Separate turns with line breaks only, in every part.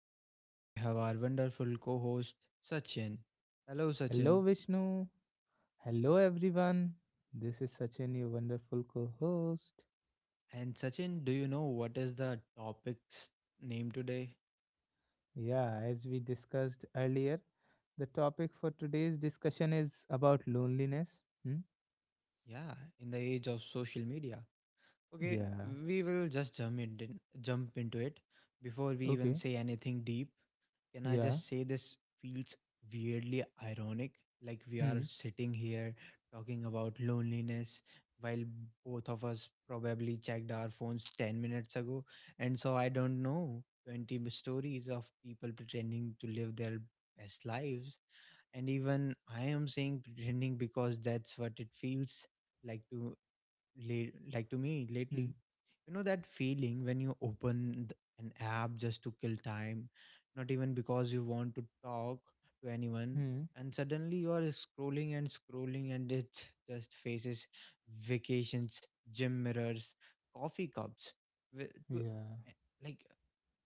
and today we have our wonderful co host, Sachin. Hello,
Hello,
Sachin.
Vishnu. Hello, everyone. This is Sachin, your wonderful co host.
And Sachin, do you know what is the topic's name today?
Yeah, as we discussed earlier, the topic for today's discussion is about loneliness. Hmm?
Yeah, in the age of social media. Okay,
Yeah.
we will just jump into it before we even
Okay.
say anything deep. Can I
Yeah.
just say this feels weirdly ironic? Like we are
Hmm.
sitting here talking about loneliness while both of us probably checked our phones 10 minutes ago. And so I don't know 20 stories of people pretending to live their best lives. And even I am saying pretending because that's what it feels like to like to me
Hmm.
lately. You know that feeling when you open an app just to kill time, not even because you want to talk to anyone,
Hmm.
and suddenly you are scrolling and scrolling, and it just faces, vacations, gym mirrors, coffee cups, wi- to,
Yeah.
eh, like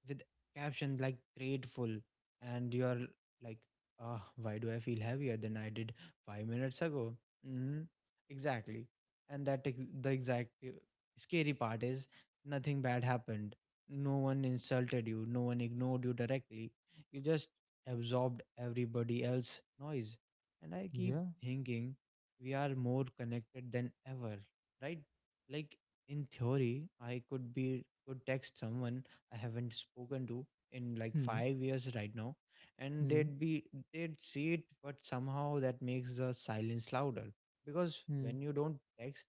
with caption like grateful, and you're like, ah, why do I feel heavier than I did 5 minutes ago? Hmm, exactly. And the exact scary part is nothing bad happened. No one insulted you, no one ignored you directly. You just absorbed everybody else noise. And I keep
Yeah.
thinking we are more connected than ever, right? Like in theory I could be could text someone I haven't spoken to in like
Hmm.
5 years right now, and
Hmm.
they'd see it, but somehow that makes the silence louder. Because
Hmm.
when you don't text,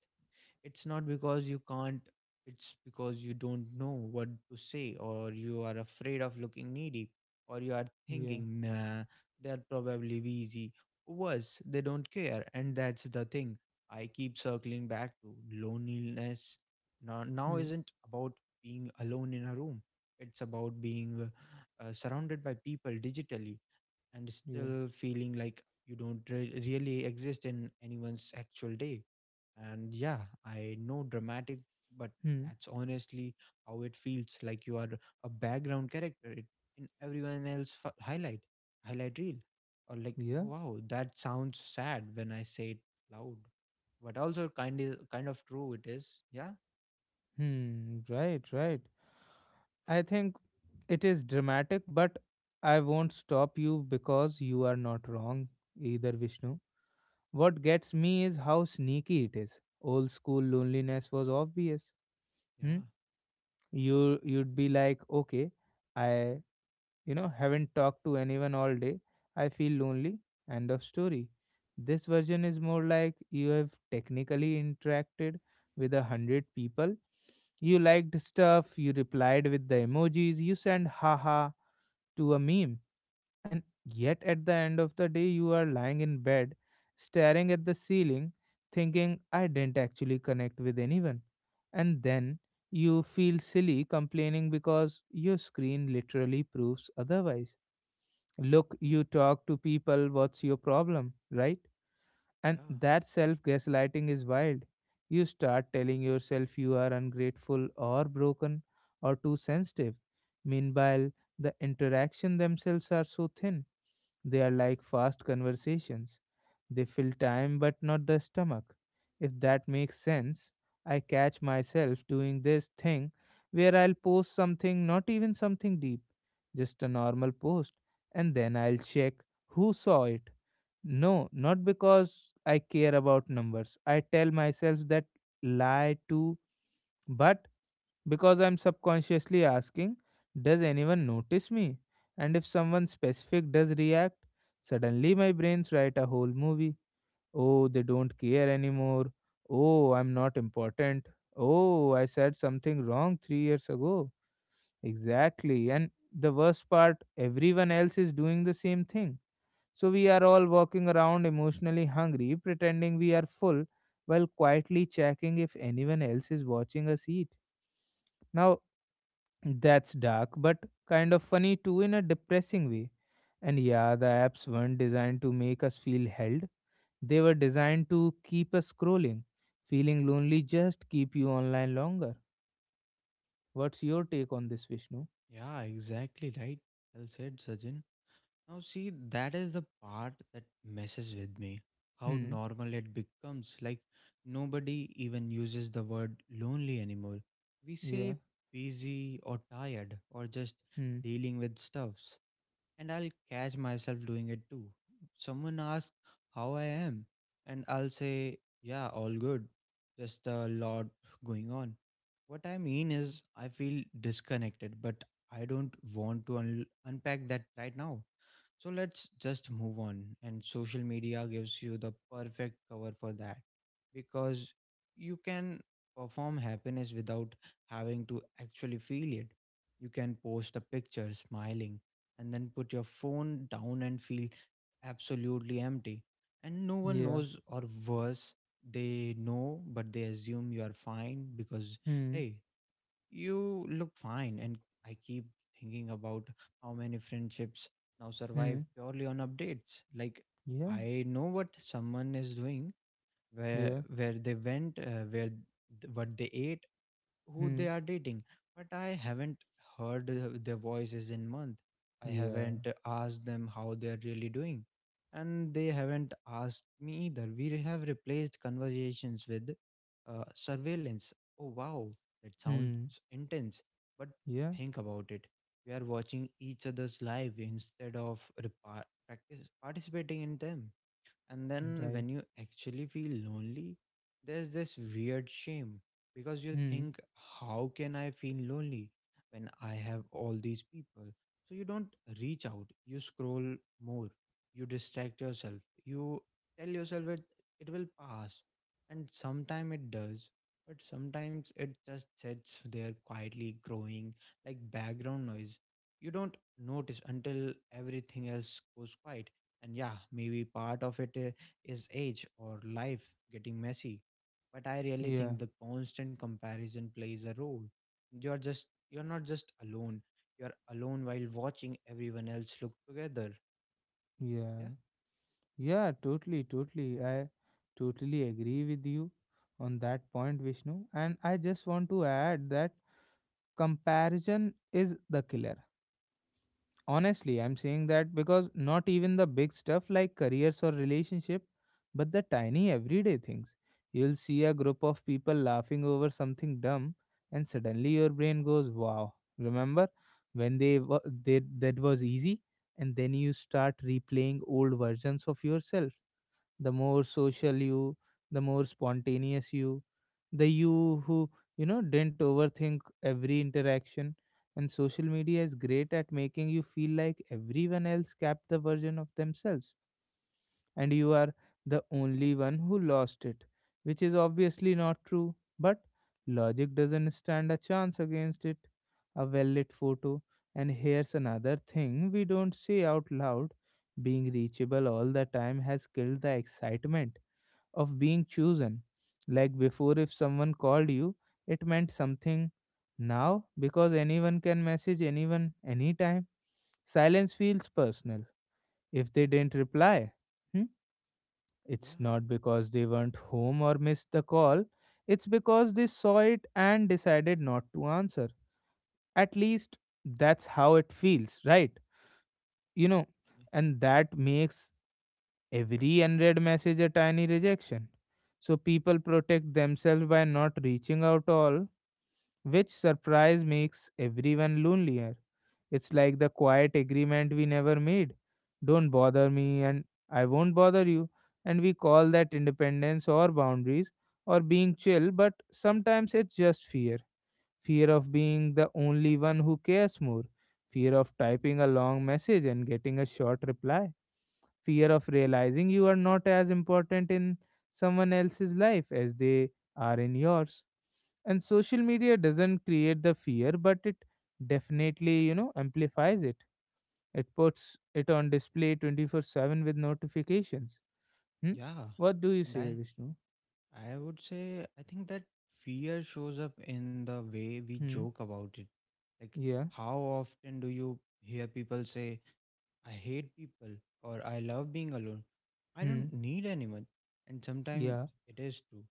it's not because you can't, it's because you don't know what to say, or you are afraid of looking needy, or you are
Yeah.
thinking, nah, they're probably busy. Worse, they don't care. And that's the thing I keep circling back to. Loneliness now
Hmm.
isn't about being alone in a room, it's about being surrounded by people digitally and
Yeah.
still feeling like you don't really exist in anyone's actual day. And yeah, I know, dramatic, but
Hmm.
that's honestly how it feels, like you are a background character in everyone else highlight reel. Or like,
Yeah.
wow, that sounds sad when I say it loud, but also kind of true. It is, yeah.
Hmm. Right. Right. I think it is dramatic, but I won't stop you because you are not wrong either, Vishnu. What gets me is how sneaky it is. Old school loneliness was obvious. Hmm?
Yeah,
You'd be like, okay, I haven't talked to anyone all day. I feel lonely. End of story. This version is more like you have technically interacted with a hundred people. You liked stuff. You replied with the emojis. You sent haha to a meme. And yet, at the end of the day, you are lying in bed, staring at the ceiling, thinking, I didn't actually connect with anyone. And then you feel silly complaining because your screen literally proves otherwise. Look, you talk to people, what's your problem, right? And
yeah,
that self gaslighting is wild. You start telling yourself you are ungrateful or broken or too sensitive. Meanwhile, the interaction themselves are so thin. They are like fast conversations. They fill time but not the stomach. If that makes sense, I catch myself doing this thing where I'll post something, not even something deep, just a normal post, and then I'll check who saw it. No, not because I care about numbers. I tell myself that lie too, but because I'm subconsciously asking, does anyone notice me? And if someone specific does react, suddenly my brains write a whole movie. Oh, they don't care anymore. Oh, I'm not important. Oh, I said something wrong 3 years ago. Exactly. And the worst part, everyone else is doing the same thing so we are all walking around emotionally hungry, pretending we are full while quietly checking if anyone else is watching us eat. Now, that's dark, but kind of funny too in a depressing way. And yeah, the apps weren't designed to make us feel held, they were designed to keep us scrolling. Feeling lonely just keep you online longer. What's your take on this, Vishnu?
yeah, exactly right. Well said, Sajin. Now, see, that is the part that messes with me. How
Hmm,
normal it becomes. Like, nobody even uses the word lonely anymore. We
yeah,
say busy or tired or just
hmm,
dealing with stuffs. And I'll catch myself doing it too. Someone asks how I am, and I'll say, yeah, all good. Just a lot going on. What I mean is, I feel disconnected, but I don't want to unpack that right now. So let's just move on. And social media gives you the perfect cover for that, because you can perform happiness without having to actually feel it. You can post a picture smiling and then put your phone down and feel absolutely empty. And no one
yeah,
knows, or worse, they know, but they assume you are fine because,
hmm,
hey, you look fine. And I keep thinking about how many friendships now
hmm,
survive purely on updates. Like,
yeah,
I know what someone is doing, where
yeah,
where they went, what they ate, who
hmm,
they are dating, but I haven't heard their voices in month. I
yeah,
haven't asked them how they are really doing, and they haven't asked me either. We have replaced conversations with surveillance. Oh, wow, that sounds
hmm.
intense, but
Yeah,
think about it. We are watching each other's live instead of practice participating in them. And then
right.
when you actually feel lonely, there's this weird shame, because you
Hmm.
think, how can I feel lonely when I have all these people? So you don't reach out, you scroll more, you distract yourself, you tell yourself that it will pass. And sometimes it does, but sometimes it just sits there quietly growing like background noise. You don't notice until everything else goes quiet. And yeah, maybe part of it is age or life getting messy. But I really
Yeah,
think the constant comparison plays a role. You're not just alone. You're alone while watching everyone else look together.
yeah,
Yeah,
yeah. Totally, totally. I totally agree with you on that point, Vishnu. And I just want to add that comparison is the killer. Honestly, I'm saying that because not even the big stuff like careers or relationship, but the tiny everyday things. You'll see a group of people laughing over something dumb, and suddenly your brain goes, "Wow! Remember when they that was easy?" And then you start replaying old versions of yourself, the more social you, the more spontaneous you, the you who didn't overthink every interaction. And social media is great at making you feel like everyone else kept the version of themselves and you are the only one who lost it, which is obviously not true, but logic doesn't stand a chance against it. A well lit photo. And here's another thing we don't say out loud: being reachable all the time has killed the excitement of being chosen. Like before, if someone called you, it meant something. Now, because anyone can message anyone anytime, silence feels personal. If they didn't reply, hmm? It's
yeah,
not because they weren't home or missed the call, it's because they saw it and decided not to answer. At least that's how it feels, right? You know,
y-
and that makes every unread message a tiny rejection. So people protect themselves by not reaching out all, which surprise makes everyone lonelier. It's like the quiet agreement we never made. Don't bother me, and I won't bother you. And we call that independence or boundaries or being chill, but sometimes it's just fear, fear of being the only one who cares more, fear of typing a long message and getting a short reply, fear of realizing you are not as important in someone else's life as they are in yours. And social media doesn't create the fear, but it definitely amplifies it. It puts it on display 24/7 with notifications. Hmm?
yeah.
What do you
And
say,
I
Vishnu?
I would say, I think that fear shows up in the way we
Hmm.
joke about it. Like,
Yeah.
how often do you hear people say, I hate people, or I love being alone. I
Hmm.
don't need anyone. And sometimes
Yeah.
it is true.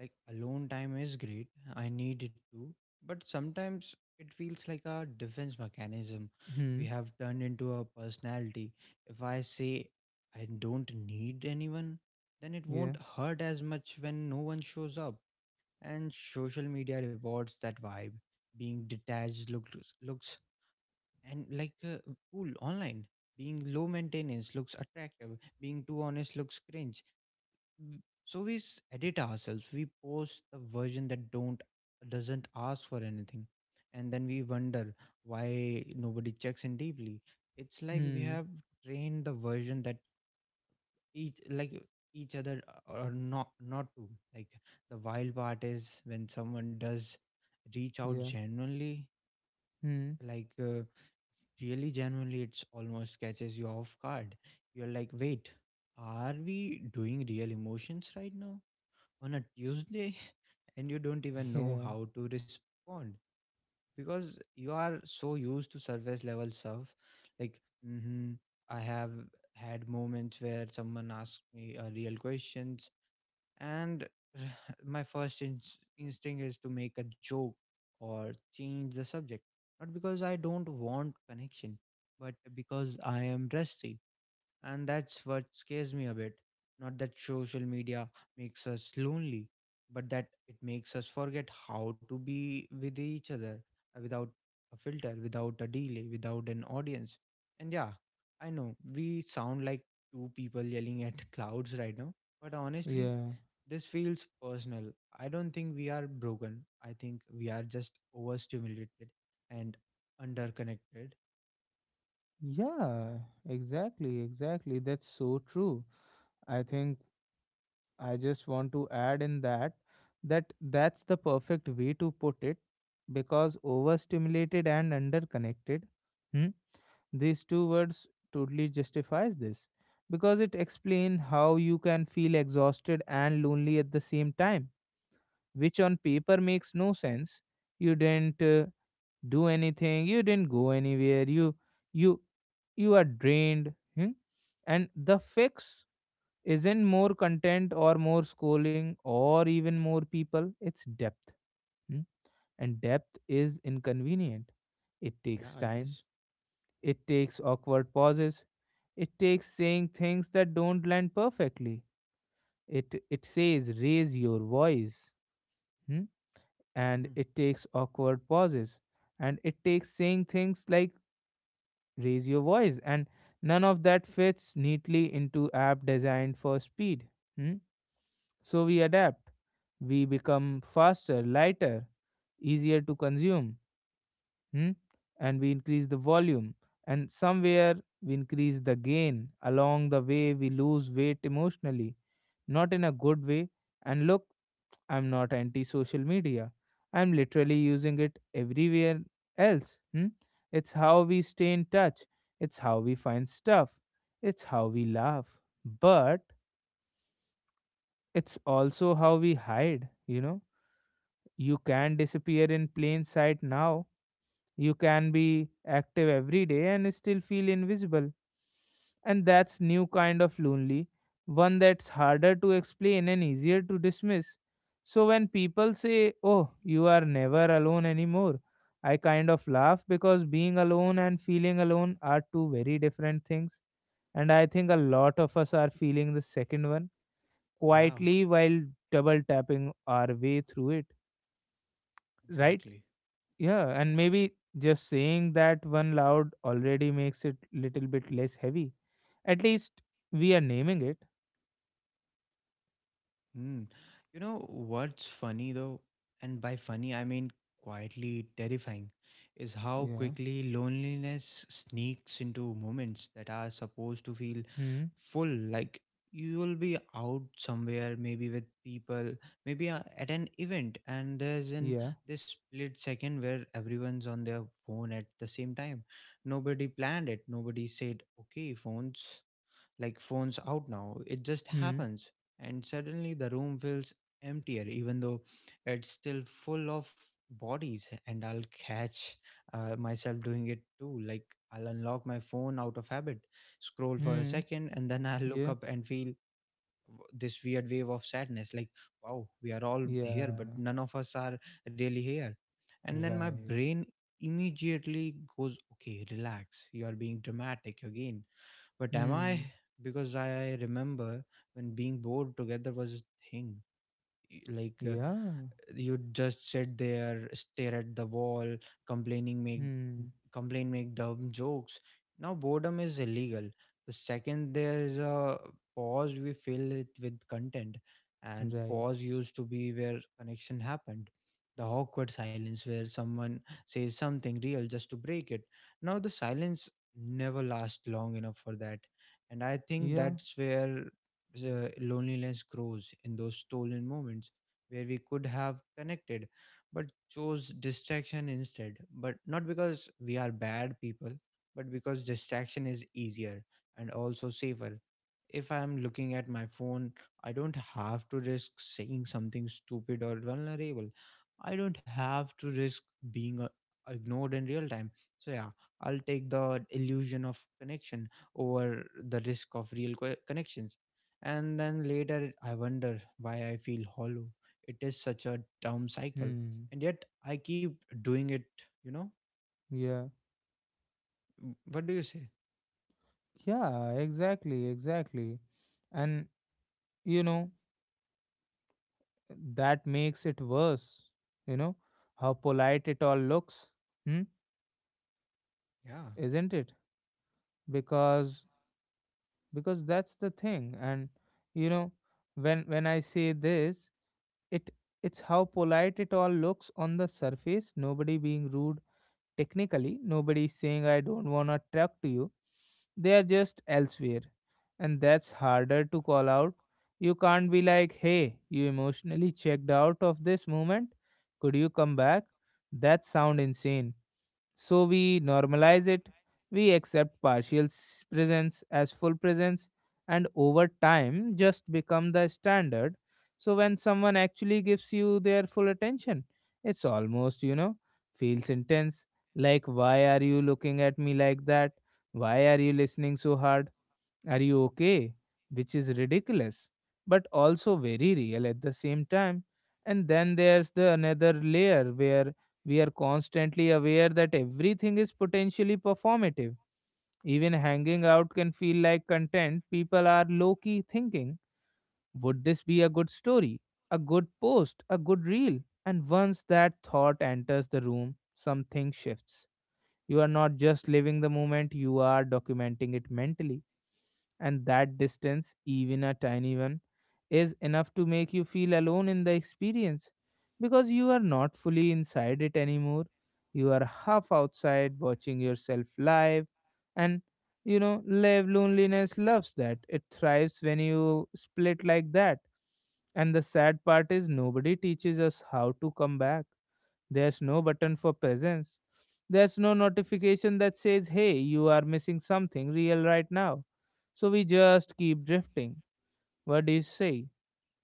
Like alone time is great. I need it too. But sometimes it feels like a defense mechanism
Hmm.
we have turned into a personality. If I say I don't need anyone, then it
Yeah.
won't hurt as much when no one shows up. And social media rewards that vibe. Being detached looks looks and like cool online, being low maintenance looks attractive, being too honest looks cringe. So we edit ourselves, we post the version that don't doesn't ask for anything, and then we wonder why nobody checks in deeply. It's like we
Hmm.
have trained the version that each like each other, or not not to, like, the wild part is when someone does reach out
Yeah.
genuinely,
Hmm.
like, really genuinely, it's almost catches you off guard. You're like, wait, are we doing real emotions right now? On a Tuesday? And you don't even know
Yeah.
how to respond, because you are so used to surface level stuff. Like, mm-hmm, I have had moments where someone asked me a real question, and my first instinct is to make a joke or change the subject. Not because I don't want connection, but because I am rusty. And that's what scares me a bit. Not that social media makes us lonely, but that it makes us forget how to be with each other, without a filter, without a delay, without an audience. And yeah, I know we sound like two people yelling at clouds right now, but honestly,
Yeah.
this feels personal. I don't think we are broken. I think we are just overstimulated and underconnected.
Yeah. Exactly. Exactly. That's so true. I think I just want to add in that that's the perfect way to put it because overstimulated and underconnected. Hmm. These two words totally justifies this because it explain how you can feel exhausted and lonely at the same time, which on paper makes no sense. You didn't do anything. You didn't go anywhere. You you you are drained. Hmm? And the fix isn't more content or more scrolling or even more people. It's depth. Hmm? And depth is inconvenient. It takes
Yeah, it
time.
is.
It takes awkward pauses. It takes saying things that don't land perfectly. It says raise your voice. Hmm? And
Mm.
it takes awkward pauses. And it takes saying things like raise your voice. And none of that fits neatly into app designed for speed. Hmm? So we adapt. We become faster, lighter, easier to consume. Hmm? And we increase the volume, and somewhere we increase the gain along the way. We lose weight emotionally, not in a good way. And look, I'm not anti social media. I'm literally using it everywhere else. Hmm? It's how we stay in touch, it's how we find stuff, it's how we laugh. But it's also how we hide, you know. You can disappear in plain sight now. You can be active every day and still feel invisible. And that's new kind of lonely, one that's harder to explain and easier to dismiss. So when people say, "Oh, you are never alone anymore," I kind of laugh because being alone and feeling alone are two very different things. And I think a lot of us are feeling the second one
Yeah,
quietly while double tapping our way through it, right?
exactly.
Yeah, and maybe just saying that one loud already makes it little bit less heavy. At least we are naming it.
Mm. You know what's funny though, and by funny I mean quietly terrifying, is how
Yeah.
quickly loneliness sneaks into moments that are supposed to feel
Hmm.
full. Like, you will be out somewhere, maybe with people, maybe at an event, and there's in
Yeah.
this split second where everyone's on their phone at the same time. Nobody planned it. Nobody said, "Okay, phones." Like, phones out now. It just
Hmm.
happens. And suddenly the room feels emptier, even though it's still full of bodies. And I'll catch myself doing it too. Like, I'll unlock my phone out of habit, scroll for a
Hmm.
second, and then I'll look
Yeah.
up and feel this weird wave of sadness, like, wow, we are all here, but
Yeah.
none of us are really here. And then my
Right.
brain immediately goes, okay, relax, you are being dramatic again. But am I?
Hmm.
Because I remember when being bored together was a thing. Like,
Yeah.
you'd just sit there, stare at the wall, complaining make
Hmm.
complain make dumb jokes. Now boredom is illegal. The second there's a pause, we fill it with content. And
Right.
pause used to be where connection happened, the awkward silence where someone says something real just to break it. Now the silence never lasts long enough for that. And I think
Yeah.
that's where the loneliness grows, in those stolen moments where we could have connected but chose distraction instead. But not because we are bad people, but because distraction is easier and also safer. If I am looking at my phone, I don't have to risk saying something stupid or vulnerable. I don't have to risk being ignored in real time. So, yeah, I'll take the illusion of connection over the risk of real connections. And then later, I wonder why I feel hollow. It is such a down cycle,
Hmm.
and yet I keep doing it, you know.
Yeah.
What do you say?
Yeah. Exactly. Exactly. And you know that makes it worse. You know how polite it all looks. Hmm.
Yeah,
Isn't it? Because because that's the thing, and you know when I say this, it it's how polite it all looks on the surface. Nobody being rude, technically nobody saying I don't want to talk to you, they are just elsewhere. And that's harder to call out. You can't be like, hey, you emotionally checked out of this moment, could you come back? That sound insane. So we normalize it, we accept partial presence as full presence, and over time just become the standard. So when someone actually gives you their full attention, it's almost feels intense. Like, why are you looking at me like that? Why are you listening so hard? Are you okay? Which is ridiculous, but also very real at the same time. And then there's the another layer where we are constantly aware that everything is potentially performative. Even hanging out can feel like content. People are low key thinking, would this be a good story, a good post, a good reel? And once that thought enters the room, something shifts. You are not just living the moment, you are documenting it mentally. And that distance, even a tiny one, is enough to make you feel alone in the experience because you are not fully inside it anymore. You are half outside watching yourself live. And live loneliness loves that. It thrives when you split like that. And the sad part is, nobody teaches us how to come back. There's no button for presence. There's no notification that says, hey, you are missing something real right now. So we just keep drifting. What do you say,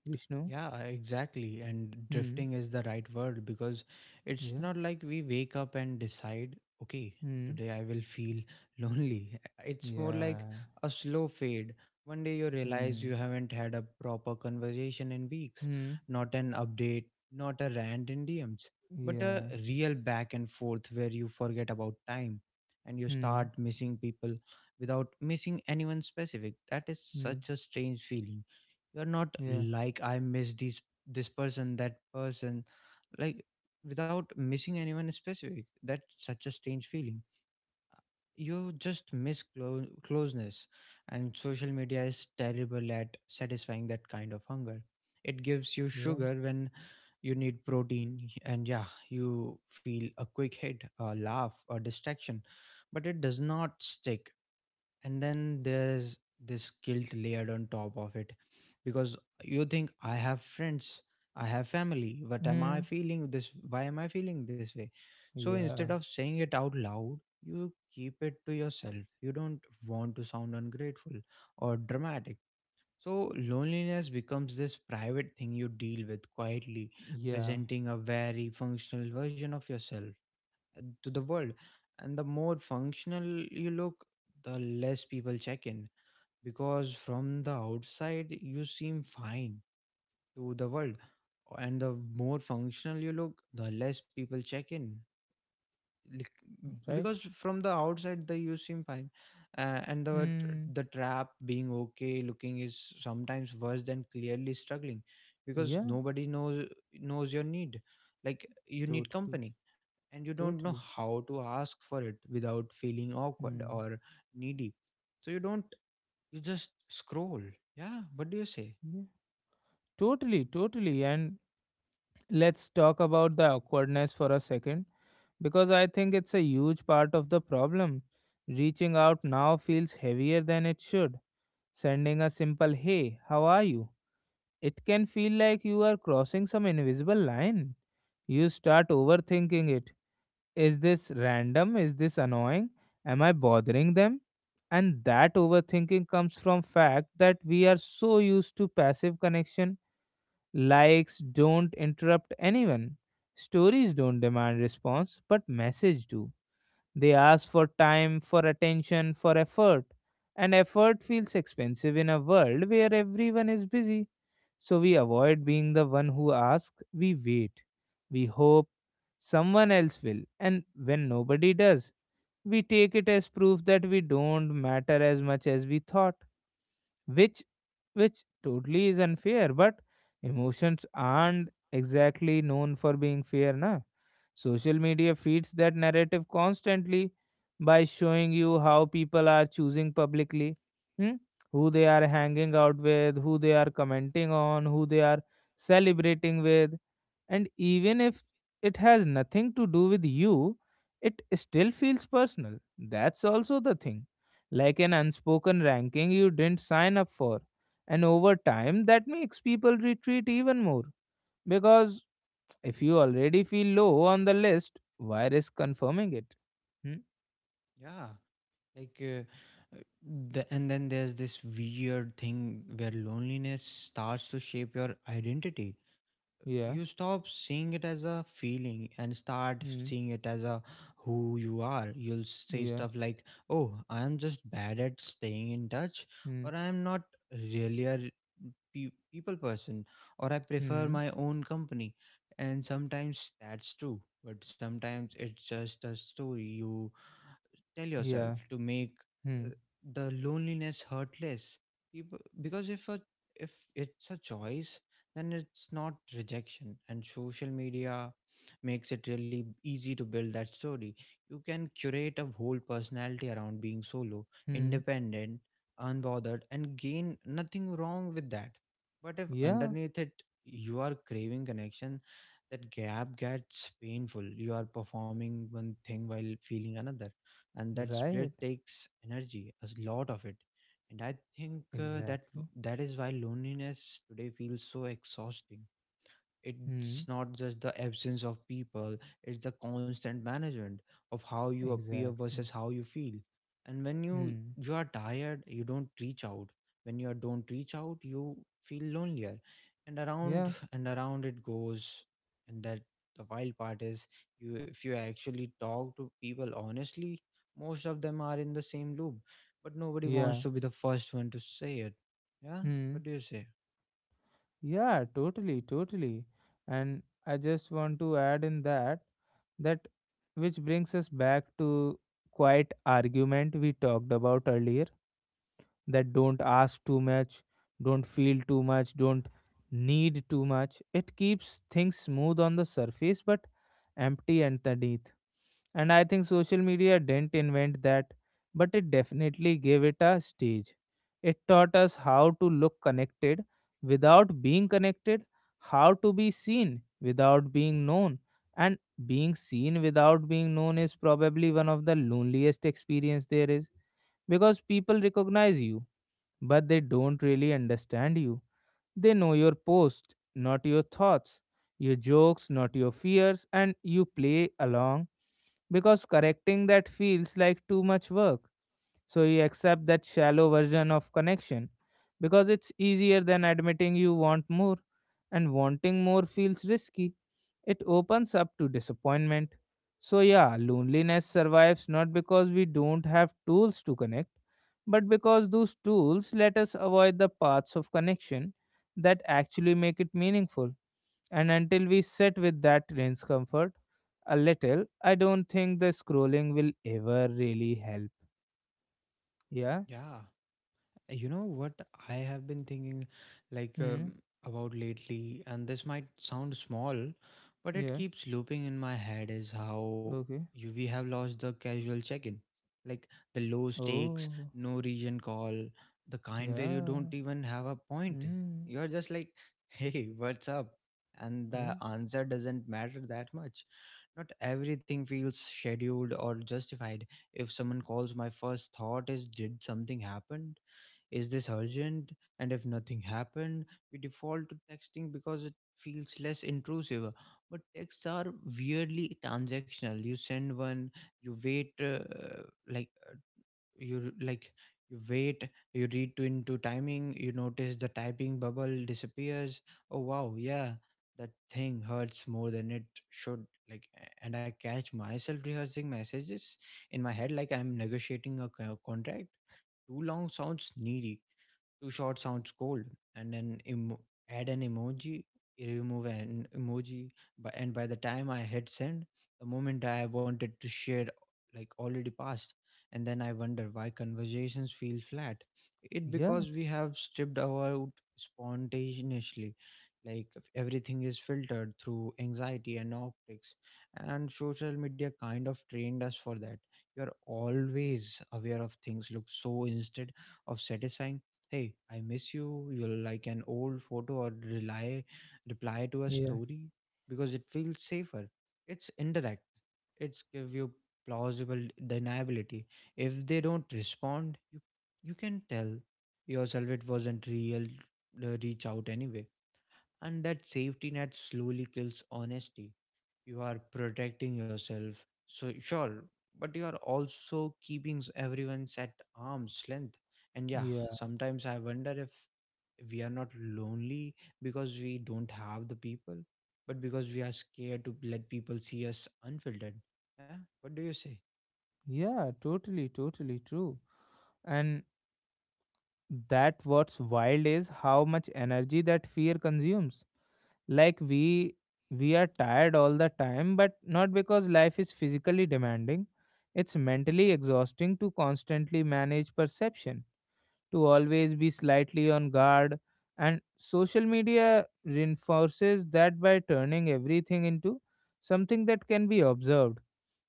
Vishnu?
Yeah, exactly. And
Hmm.
drifting is the right word, because it's
Yeah.
not like we wake up and decide, okay,
Hmm.
today I will feel lonely. It's more like
Yeah.
a slow fade. One day you realize
Hmm.
you haven't had a proper conversation in weeks,
Hmm.
not an update, not a rant in DMs, but a
Yeah.
real back and forth where you forget about time. And you
Hmm.
start missing people without missing anyone specific. That is
Hmm.
such a strange feeling. You're not
Yeah.
like, I miss these this person, that person, like without missing anyone specific. That's such a strange feeling. You just miss closeness, and social media is terrible at satisfying that kind of hunger. It gives you
Yeah.
sugar when you need protein, and yeah, you feel a quick hit, a laugh, a distraction, but it does not stick. And then there's this guilt layered on top of it, because you think, I have friends, I have family, what am I
Hmm.
feeling this, why am I feeling this way? So instead
Yeah.
of saying it out loud, you keep it to yourself. You don't want to sound ungrateful or dramatic, so loneliness becomes this private thing you deal with quietly,
Yeah.
presenting a very functional version of yourself to the world. And the more functional you look, the less people check in, because from the outside you seem fine to the world. And the more functional you look, the less people check in. Lik-
Right?
because from the outside the you seem fine. And the
Hmm.
the trap, being okay looking is sometimes worse than clearly struggling, because
Yeah.
nobody knows, knows your need. Like, you need
Totally.
company, and you don't know
Totally.
how to ask for it without feeling awkward
Hmm.
or needy. So you don't, you just scroll. Yeah. What do you say?
Yeah. Totally. Totally. And let's talk about the awkwardness for a second because I think it's a huge part of the problem. Reaching out now feels heavier than it should. Sending a simple hey, how are you? It can feel like you are crossing some invisible line. You start overthinking it. Is this random? Is this annoying? Am I bothering them? And that overthinking comes from fact that we are so used to passive connection. Likes don't interrupt anyone. Stories don't demand response, but message do. They ask for time, for attention, for effort. And effort feels expensive in a world where everyone is busy. So we avoid being the one who asks, we wait. We hope someone else will. And when nobody does, we take it as proof that we don't matter as much as we thought, which which totally is unfair but emotions aren't exactly known for being fair na social media feeds that narrative constantly by showing you how people are choosing publicly. Hmm? Who they are hanging out with, who they are commenting on, who they are celebrating with. And even if it has nothing to do with you, it still feels personal. That's also the thing. Like an unspoken ranking you didn't sign up for. And over time, that makes people retreat even more. Because if you already feel low on the list, why risk confirming it? Hmm?
Yeah. Like, uh, uh, and then there's this weird thing where loneliness starts to shape your identity.
Yeah.
You stop seeing it as a feeling and start
Hmm.
seeing it as a who you are. You'll say
Yeah.
stuff like, oh, I am just bad at staying in touch,
Hmm.
or I am not really people person, or I prefer
Hmm.
my own company. And sometimes that's true, but sometimes it's just a story you tell yourself
Yeah.
to make
Hmm.
uh, the loneliness hurt less. People, because if it's a choice, then it's not rejection. And social media makes it really easy to build that story. You can curate a whole personality around being solo,
Hmm.
independent, unbothered, and gain nothing wrong with that. But if
Yeah.
underneath it you are craving connection, that gap gets painful. You are performing one thing while feeling another, and that split
Right.
takes energy, a lot of it. And I think
Exactly.
that is why loneliness today feels so exhausting. It's
Hmm.
not just the absence of people, it's the constant management of how you appear versus
Exactly.
how you feel. And when you
Hmm.
you are tired, you don't reach out. When you are don't reach out, you feel lonelier,
Yeah.
and around it goes. And that the wild part is, you if you actually talk to people honestly, most of them are in the same loop, but nobody wants
Yeah.
to be the first one to say it. Yeah.
Hmm.
What do you say?
Yeah, totally, totally. And I just want to add in that which brings us back to quiet argument we talked about earlier, that don't ask too much, don't feel too much, don't need too much. It keeps things smooth on the surface but empty underneath. And I think social media didn't invent that, but it definitely gave it a stage. It taught us how to look connected without being connected, how to be seen without being known. And being seen without being known is probably one of the loneliest experience there is, because people recognize you but they don't really understand you. They know your post, not your thoughts, your jokes, not your fears, and you play along because correcting that feels like too much work. So you accept that shallow version of connection because it's easier than admitting you want more, and wanting more feels risky. It opens up to disappointment. So, yeah, loneliness survives not because we don't have tools to connect, but because those tools let us avoid the paths of connection that actually make it meaningful. And until we sit with that discomfort a little, I don't think the scrolling will ever really help. Yeah?
Yeah. You know what, I have been thinking like um,
Hmm.
about lately, and this might sound small, but it
Yeah.
keeps looping in my head, is how
Okay.
we have lost the casual check-in. Like the low stakes,
Oh.
no region call, the kind where you
Yeah.
don't even have a point.
Hmm.
You're just like, hey, what's up? And the
Yeah.
answer doesn't matter that much. Not everything feels scheduled or justified. If someone calls, my first thought is, did something happen? Is this urgent? And if nothing happened, we default to texting because it feels less intrusive. But texts are weirdly transactional. You send one, you wait, like uh, you like you wait, you read to into timing, you notice the typing bubble disappears. Oh wow, yeah, that thing hurts more than it should. And I catch myself rehearsing messages in my head like I'm negotiating a contract. Too long sounds needy, too short sounds cold, and then add an emoji, remove an emoji, but and by the time I hit send, the moment I wanted to share already passed, and then I wonder why conversations feel flat. It
Yeah.
because we have stripped out spontaneously, like if everything is filtered through anxiety and optics, and social media kind of trained us for that. You are always aware of things look, so instead of satisfying, hey, I miss you, you'll like an old photo or rely reply to a
Yeah.
story because it feels safer. It's indirect, it's give you plausible deniability. If they don't respond, you can tell yourself it wasn't real. Reach out anyway. And that safety net slowly kills honesty. You are protecting yourself, so sure, but you are also keeping everyone's at arm's length. And yeah,
Yeah.
sometimes I wonder if we are not lonely because we don't have the people, but because we are scared to let people see us unfiltered. Yeah. What do you say?
Yeah. Totally, totally true. And that what's wild is how much energy that fear consumes. Like we are tired all the time, but not because life is physically demanding. It's mentally exhausting to constantly manage perception, to always be slightly on guard. And social media reinforces that by turning everything into something that can be observed,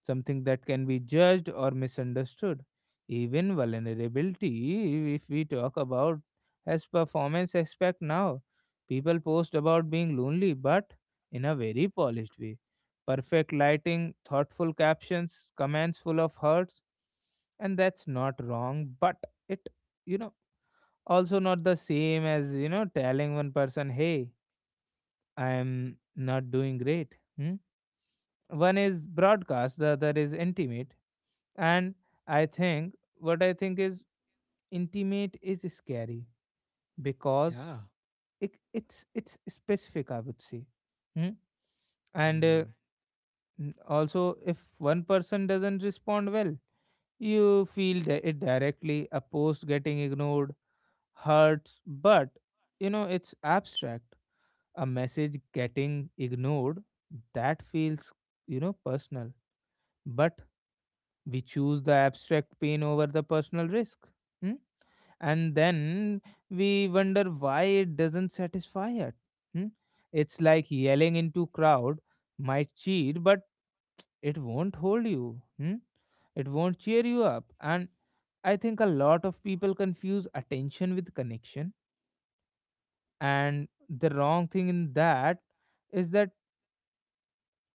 something that can be judged or misunderstood. Even vulnerability, if we talk about as performance aspect now, people post about being lonely, but in a very polished way. Perfect lighting, thoughtful captions, comments full of hearts, and that's not wrong, but it, you know, also not the same as, you know, telling one person, hey, I'm not doing great. Hmm? One is broadcast, the other is intimate. And I think what I think is intimate is scary because
Yeah.
it's specific, I would say. Hmm? And
Mm,
also if one person doesn't respond well you feel it directly. A post getting ignored hurts, but you know it's abstract. A message getting ignored, that feels, you know, personal. But we choose the abstract pain over the personal risk. Hmm? And then we wonder why it doesn't satisfy it. Hmm? It's like yelling into crowd might cheer, but it won't hold you. Hmm? It won't cheer you up. And I think a lot of people confuse attention with connection. And the wrong thing in that is that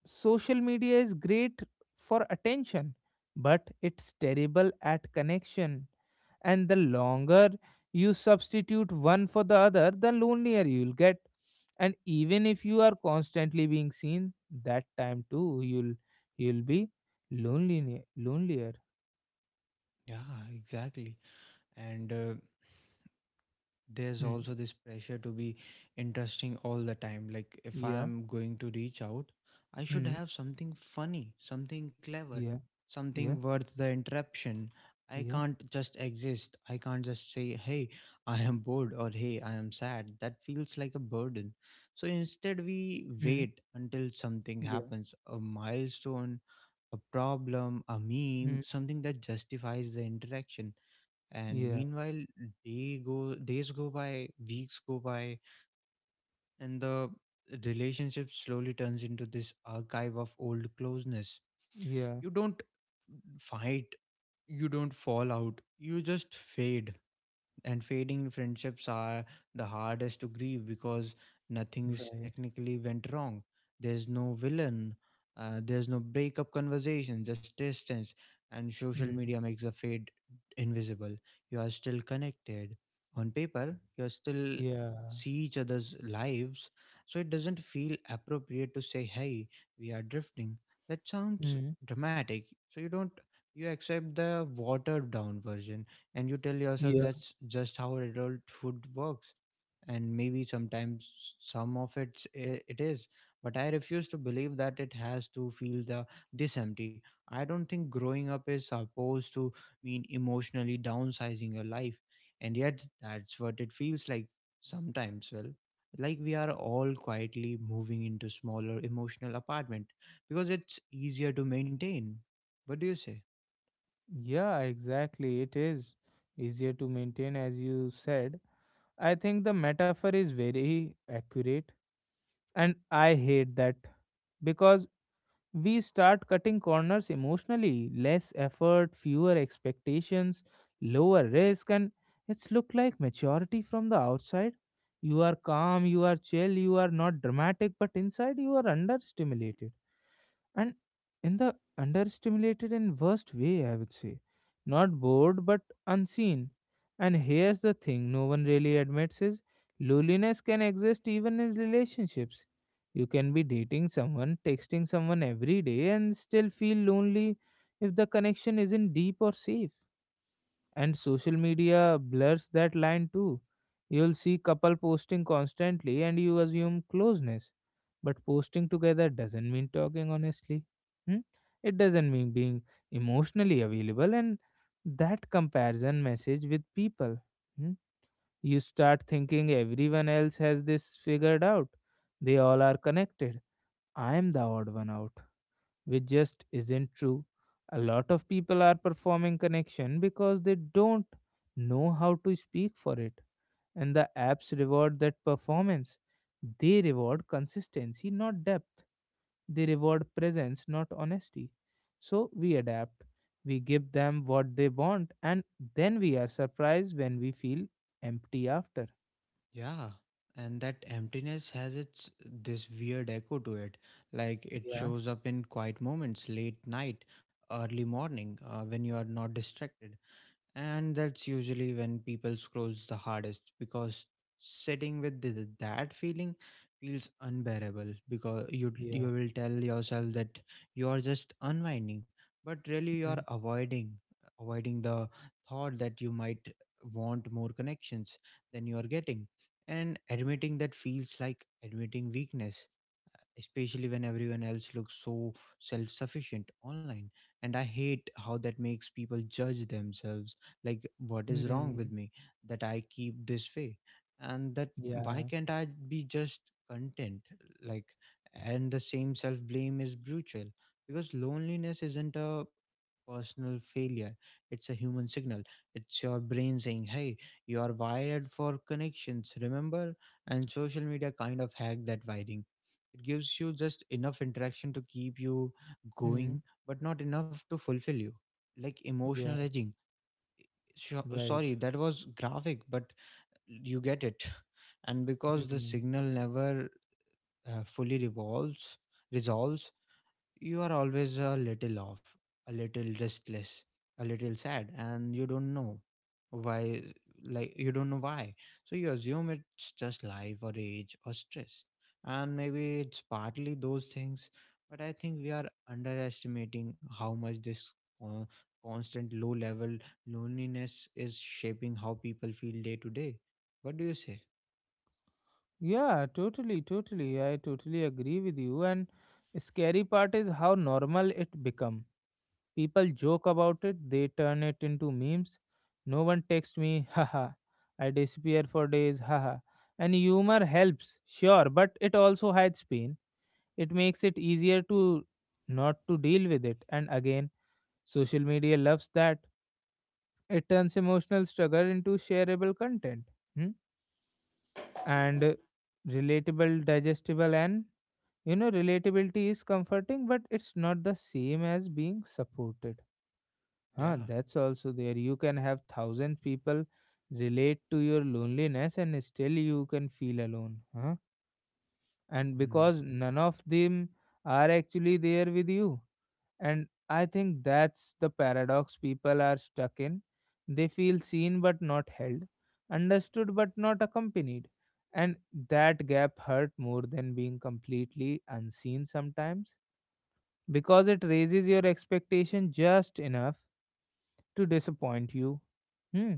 social media is great for attention, but it's terrible at connection. And the longer you substitute one for the other, the lonelier you'll get. And even if you are constantly being seen, that time too you'll be lonely, lonelier.
yeah, exactly. And there's
Hmm.
also this pressure to be interesting all the time. Like, if I
Yeah.
am going to reach out, I should
Hmm.
have something funny, something clever,
Yeah.
something
Yeah.
worth the interruption. I
Yeah.
can't just exist, I can't just say, hey, I am bored, or hey, I am sad. That feels like a burden. So instead we
Hmm.
wait until something
Yeah.
happens, a milestone, a problem, a meme,
Hmm.
something that justifies the interaction. And
Yeah.
meanwhile, days go by, weeks go by, and the relationship slowly turns into this archive of old closeness.
Yeah.
You don't fight, you don't fall out, you just fade. And fading friendships are the hardest to grieve, because nothing's
Right.
technically went wrong, there's no villain, there's no breakup conversation, just distance. And social
Hmm.
media makes the fade invisible. You are still connected on paper, you are still
Yeah.
see each other's lives, so it doesn't feel appropriate to say, hey, we are drifting. That sounds
Hmm.
dramatic. So you don't, you accept the watered down version, and you tell yourself
Yeah.
that's just how adulthood works. And maybe sometimes some of it is, but I refuse to believe that it has to feel the this empty. I don't think growing up is supposed to mean emotionally downsizing your life, and yet that's what it feels like sometimes. Well, like, we are all quietly moving into smaller emotional apartment because it's easier to maintain. What do you say?
Yeah, exactly. It is easier to maintain, as you said. I think the metaphor is very accurate. And I hate that because we start cutting corners emotionally. Less effort, fewer expectations, lower risk, and it's look like maturity from the outside. You are calm, you are chill, you are not dramatic, but inside you are understimulated. And in the understimulated and worst way, I would say. Not bored, but unseen. And here's the thing no one really admits is loneliness can exist even in relationships. You can be dating someone, texting someone every day, and still feel lonely if the connection isn't deep or safe. And social media blurs that line too. You'll see couple posting constantly and you assume closeness. But posting together doesn't mean talking honestly. Hmm? It doesn't mean being emotionally available. And that comparison message with people. Hmm? You start thinking everyone else has this figured out. They all are connected. I am the odd one out, which just isn't true. A lot of people are performing connection because they don't know how to speak for it, and the apps reward that performance. They reward consistency, not depth. They reward presence, not honesty. So we adapt. We give them what they want, and then we are surprised when we feel empty after.
Yeah, and that emptiness has its this weird echo to it. Like, it
Yeah,
shows up in quiet moments, late night, early morning, when you are not distracted. And that's usually when people scrolls the hardest, because sitting with that feeling feels unbearable, because you
yeah.
will tell yourself that you are just unwinding, but really you are
Mm,
avoiding, avoiding the thought that you might want more connections than you are getting. And admitting that feels like admitting weakness, especially when everyone else looks so self sufficient online. And I hate how that makes people judge themselves. Like, what is wrong
mm,
with me that I keep this way? And that, why
yeah.
can't I be just content? Like, and the same self blame is brutal, because loneliness isn't a personal failure, it's a human signal. It's your brain saying, hey, you are wired for connections, remember? And social media kind of hack that wiring. It gives you just enough interaction to keep you
Mm,
going, but not enough to fulfill you. Like emotional
yeah,
edging. Sure,
right.
sorry, that was graphic, but you get it. And because the
Hmm.
signal never fully resolves, you are always a little off, a little restless, a little sad, and you don't know why. You don't know why. So you assume it's just life or age or stress. And maybe it's partly those things, but I think we are underestimating how much this uh, constant low level loneliness is shaping how people feel day to day. What do you say?
Yeah, totally, totally. I totally agree with you. And scary part is how normal it become. People joke about it, they turn it into memes. No one texts me, haha. I disappear for days, haha. And humor helps, sure, but it also hides pain. It makes it easier to not to deal with it. And again, social media loves that. It turns emotional struggle into shareable content. Hmm? And relatable, digestible, and you know, relatability is comforting, but it's not the same as being supported. Huh,
Yeah.
that's also there. You can have thousand people relate to your loneliness and still you can feel alone. Huh? And
Mm.
because none of them are actually there with you. And I think that's the paradox people are stuck in. They feel seen but not held, understood but not accompanied. And that gap hurt more than being completely unseen sometimes, because it raises your expectation just enough to disappoint you. Hmm.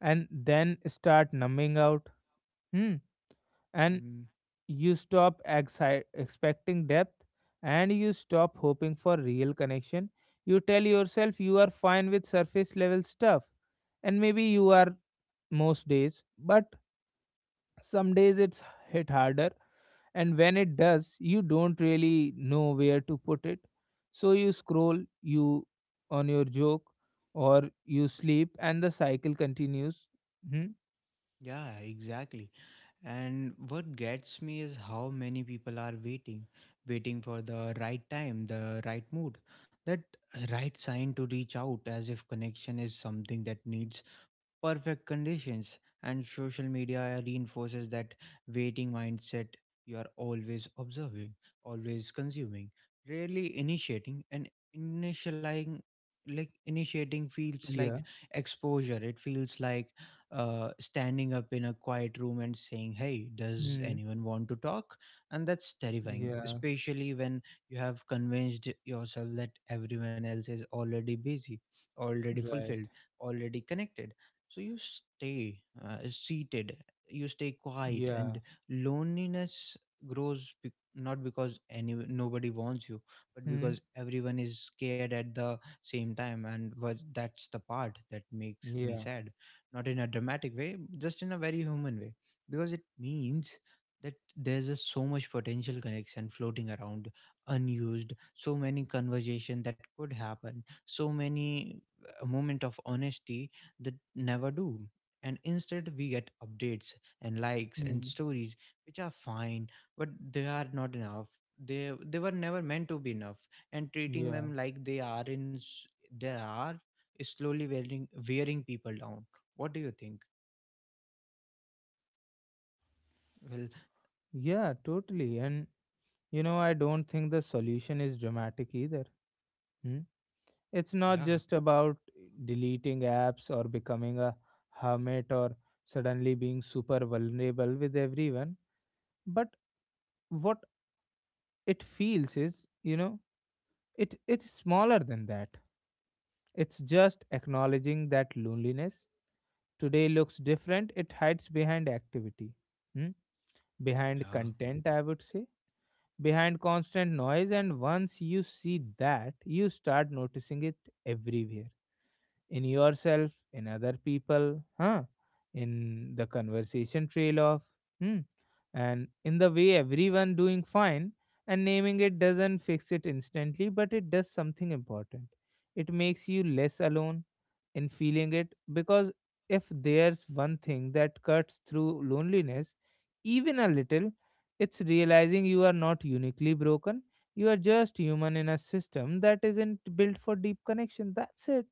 And then start numbing out. Hmm. And
Mm.
you stop expecting depth, and you stop hoping for real connection. You tell yourself you are fine with surface level stuff, and maybe you are most days, but some days it's hit harder. And when it does, you don't really know where to put it. So you scroll, you on your joke, or you sleep, and the cycle continues. Hmm?
Yeah, exactly. And what gets me is how many people are waiting, waiting for the right time, the right mood, that right sign to reach out, as if connection is something that needs perfect conditions. And social media reinforces that waiting mindset. You are always observing, always consuming, rarely initiating, and initializing like initiating feels
Yeah.
like exposure. It feels like standing up in a quiet room and saying, hey, does
Hmm.
anyone want to talk? And that's terrifying,
Yeah.
especially when you have convinced yourself that everyone else is already busy, already
Right.
fulfilled, already connected. So you stay seated, you stay quiet,
Yeah.
and loneliness grows, not because any nobody wants you, but
Hmm.
because everyone is scared at the same time, and was that's the part that makes me
Yeah.
sad. Not in a dramatic way, just in a very human way, because it means that there's a so much potential connection floating around unused, so many conversation that could happen, so many a moment of honesty that never do. And instead, we get updates and likes and
Hmm.
stories, which are fine, but they are not enough. They were never meant to be enough. And treating
Yeah.
them like they are they are is slowly wearing, wearing people down. What do you think? Well,
Yeah, totally. And you know, I don't think the solution is dramatic either. Hmm? It's
yeah,
not just about deleting apps or becoming a hermit or suddenly being super vulnerable with everyone, but what it feels is, you know, it's smaller than that. It's just acknowledging that loneliness today looks different. It hides behind activity, hmm? Behind
yeah,
content, I would say, behind constant noise. And once you see that, you start noticing it everywhere, in yourself, in other people, huh? in the conversation trail off, hmm? And in the way everyone doing fine. And naming it doesn't fix it instantly, but it does something important. It makes you less alone in feeling it, because if there's one thing that cuts through loneliness, even a little, it's realizing you are not uniquely broken. You are just human in a system that isn't built for deep connection. That's it.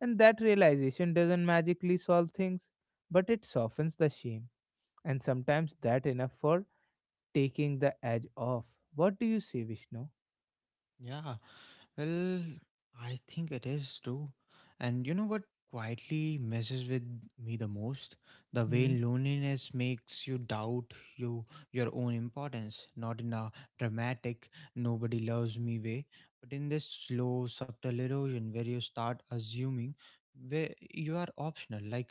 And that realization doesn't magically solve things, but it softens the shame. And sometimes that enough for taking the edge off. What do you say, Vishnu?
yeah. Well, I think it is too. And you know what quietly messes with me the most? The way
Hmm.
loneliness makes you doubt you your own importance, not in a dramatic, nobody loves me way, but in this slow, subtle erosion where you start assuming where you are optional. Like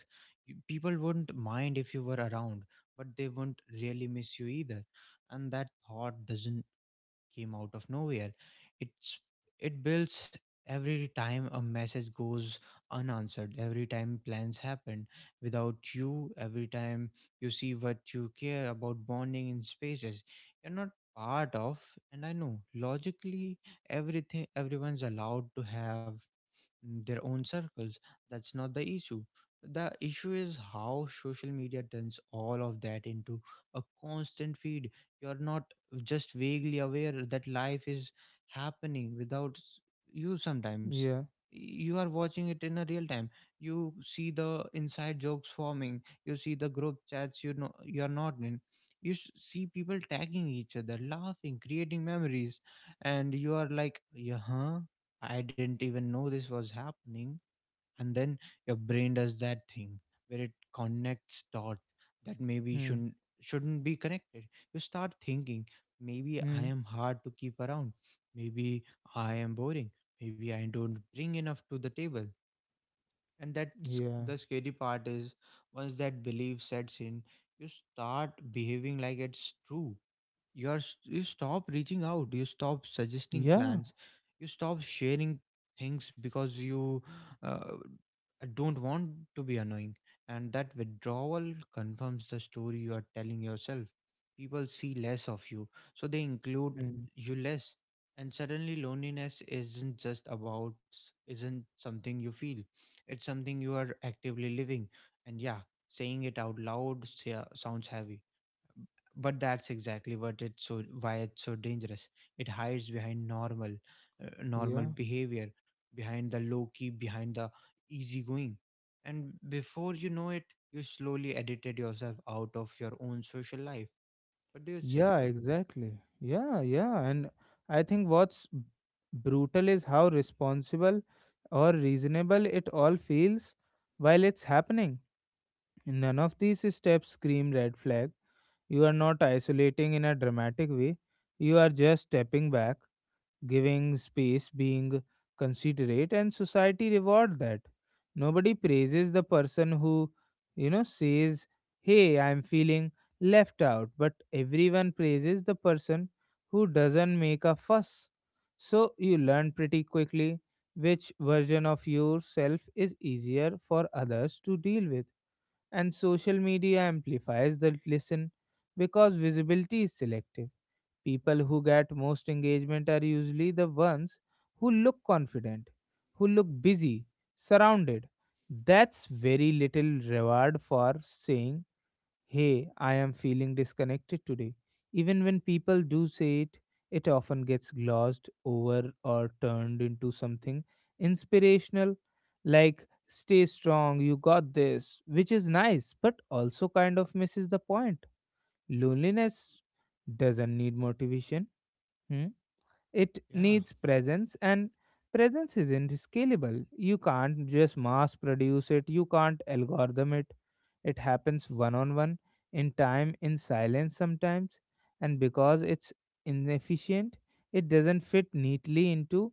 you, people wouldn't mind if you were around, but they wouldn't really miss you either. And that thought doesn't came out of nowhere. It's it builds every time a message goes unanswered, every time plans happen without you, every time you see what you care about bonding in spaces you're not part of. And I know logically everything everyone's allowed to have their own circles. That's not the issue. The issue is how social media turns all of that into a constant feed. You're not just vaguely aware that life is happening without you sometimes.
Yeah.
You are watching it in a real time. You see the inside jokes forming. You see the group chats you know you're not in. You see people tagging each other, laughing, creating memories, and you are like, yeah, huh? I didn't even know this was happening. And then your brain does that thing where it connects dot that maybe
Hmm.
shouldn't be connected. You start thinking, maybe I
Hmm.
am hard to keep around. Maybe I am boring. Maybe I don't bring enough to the table. And that's
Yeah.
the scary part is once that belief sets in, you start behaving like it's true. You are you stop reaching out, you stop suggesting
Yeah.
plans, you stop sharing things because you uh, don't want to be annoying. And that withdrawal confirms the story you are telling yourself. People see less of you, so they include
Hmm.
you less, and suddenly loneliness isn't just about isn't something you feel, it's something you are actively living. And yeah, saying it out loud sounds heavy, but that's exactly what it's so why it's so dangerous. It hides behind normal normal
Yeah.
behavior, behind the low key, behind the easygoing, and before you know it, you slowly edited yourself out of your own social life. What do you say?
Yeah, exactly. Yeah, yeah. And I think what's brutal is how responsible or reasonable it all feels while it's happening. None of these steps scream red flag. You are not isolating in a dramatic way. You are just stepping back, giving space, being considerate, and society reward that. Nobody praises the person who, you know, says, hey, I'm feeling left out, but everyone praises the person who doesn't make a fuss. So you learn pretty quickly which version of yourself is easier for others to deal with. And social media amplifies the listen because visibility is selective. People who get most engagement are usually the ones who look confident, who look busy, surrounded. That's very little reward for saying, hey, I am feeling disconnected today. Even when people do say it, it often gets glossed over or turned into something inspirational, like, stay strong, you got this, which is nice, but also kind of misses the point. Loneliness doesn't need motivation. Hmm? It
Yeah,
needs presence, and presence isn't scalable. You can't just mass produce it, you can't algorithm it. It happens one on one, in time, in silence sometimes, and because it's inefficient, it doesn't fit neatly into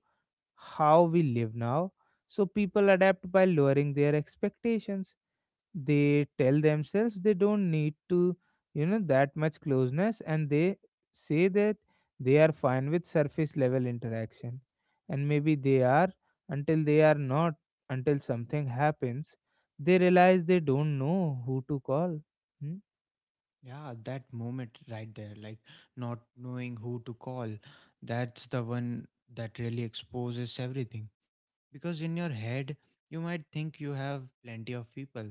how we live now. So people adapt by lowering their expectations. They tell themselves they don't need to you know that much closeness, and they say that they are fine with surface level interaction, and maybe they are, until they are not, until something happens, they realize they don't know who to call. Hmm?
yeah, that moment right there, like not knowing who to call, that's the one that really exposes everything, because in your head you might think you have plenty of people.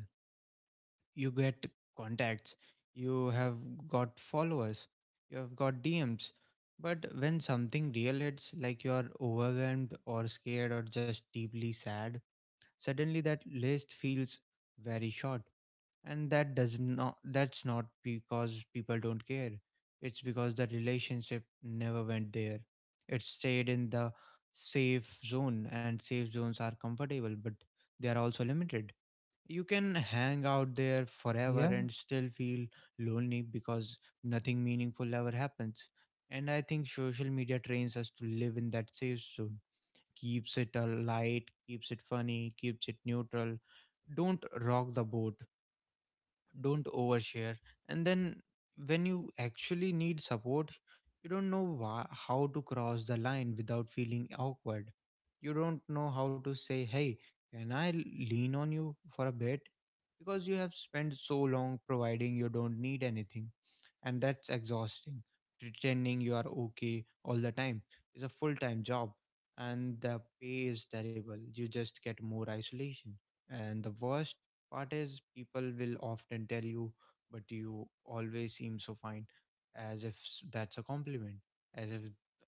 You get contacts, you have got followers, you have got DMs. But when something real hits, like you are overwhelmed or scared or just deeply sad, suddenly that list feels very short. And that does not that's not because people don't care, it's because the relationship never went there. It stayed in the safe zone, and safe zones are comfortable, but they are also limited. You can hang out there forever
Yeah,
and still feel lonely because nothing meaningful ever happens. And I think social media trains us to live in that safe zone. Keeps it light, keeps it funny, keeps it neutral. Don't rock the boat, don't overshare. And then when you actually need support, you don't know how to cross the line without feeling awkward. You don't know how to say, hey, can I lean on you for a bit, because you have spent so long providing you don't need anything. And that's exhausting. Pretending you are okay all the time is a full-time job, and the pay is terrible. You just get more isolation. And the worst part is people will often tell you, but you always seem so fine, as if that's a compliment, as if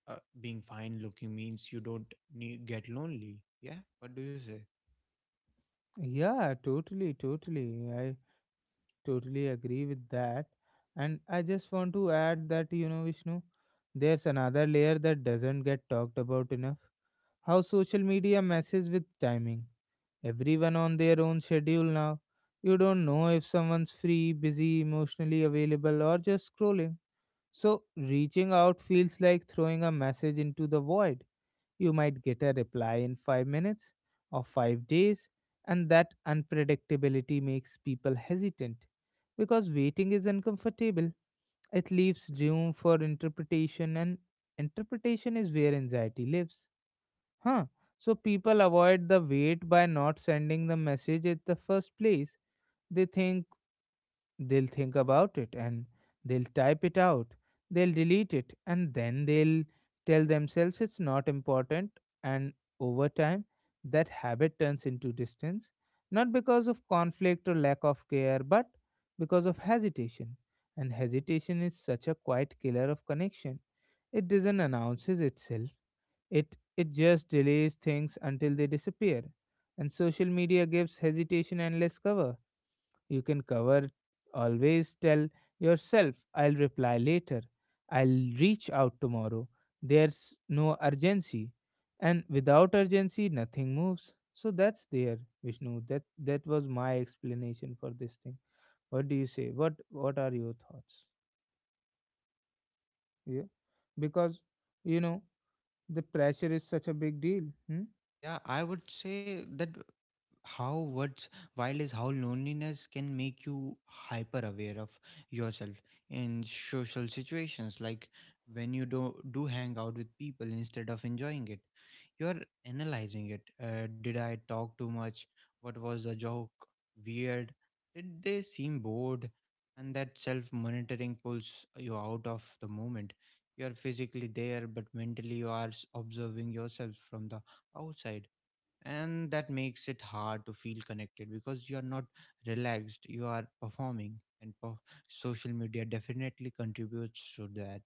being fine looking means you don't need, get lonely. Yeah, what do you say?
yeah, totally, I totally agree with that. And I just want to add that, you know, Vishnu, there's another layer that doesn't get talked about enough. How social media messes with timing. Everyone on their own schedule now. You don't know if someone's free, busy, emotionally available, or just scrolling. So, reaching out feels like throwing a message into the void. You might get a reply in 5 minutes or 5 days, and that unpredictability makes people hesitant, because waiting is uncomfortable, it leaves room for interpretation, and interpretation is where anxiety lives. Huh. So people avoid the wait by not sending the message at the first place. They think they'll think about it, and they'll type it out. They'll delete it, and then they'll tell themselves it's not important. And over time, that habit turns into distance, not because of conflict or lack of care, but because of hesitation. And hesitation is such a quiet killer of connection. It doesn't announces itself, it just delays things until they disappear. And social media gives hesitation and less cover. You can cover, always tell yourself I'll reply later. I'll reach out tomorrow. There's no urgency. And without urgency nothing moves. So that's there, Vishnu. That was my explanation for this thing. What do you say? What are your thoughts? Yeah. Because, you know, the pressure is such a big deal.
Yeah, I would say that how what's wild is how loneliness can make you hyper aware of yourself in social situations, like when you do hang out with people, instead of enjoying it you're analyzing it. Uh, did I talk too much, what was the joke, weird, did they seem bored? And that self monitoring pulls you out of the moment. You are physically there, but mentally you are observing yourself from the outside. And that makes it hard to feel connected because you are not relaxed, you are performing. And social media definitely contributes to that.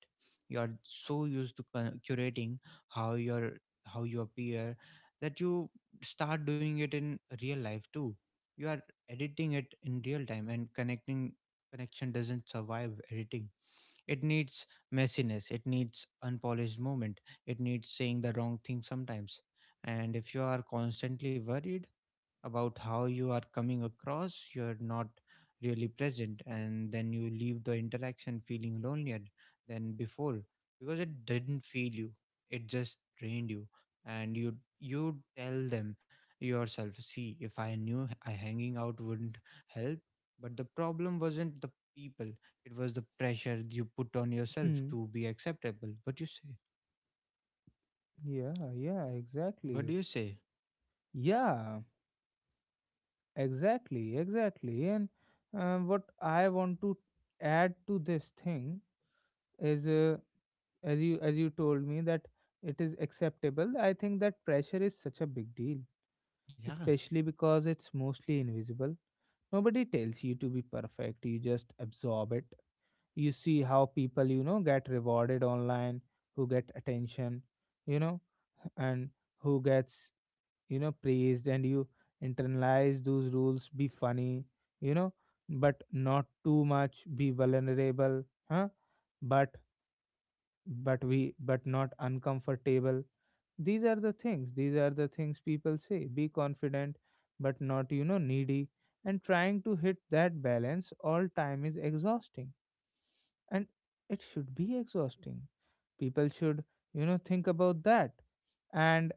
You are so used to curating how your how you appear, that you start doing it in real life too. You are editing it in real time, and connecting connection doesn't survive editing. It needs messiness, it needs unpolished moment, it needs saying the wrong thing sometimes. And if you are constantly worried about how you are coming across, you're not really present, and then you leave the interaction feeling lonelier than before, because it didn't feel you, it just drained you. And you tell them yourself, see, if I knew I hanging out wouldn't help, but the problem wasn't the people, it was the pressure you put on yourself
Hmm?
to be acceptable. What you say?
Yeah, yeah,
What
exactly.
do you say?
Yeah, exactly, exactly. And what I want to add to this thing is, as you told me, that it is acceptable. I think that pressure is such a big deal,
Yeah,
especially because it's mostly invisible. Nobody tells you to be perfect. You just absorb it. You see how people, you know, get rewarded online, who get attention, you know, and who gets, you know, praised, and you internalize those rules. Be funny, you know, but not too much. Be vulnerable, huh, but but not uncomfortable. These are the things, these are the things people say. Be confident, but not, you know, needy. And trying to hit that balance all time is exhausting. And it should be exhausting. People should, you know, think about that. And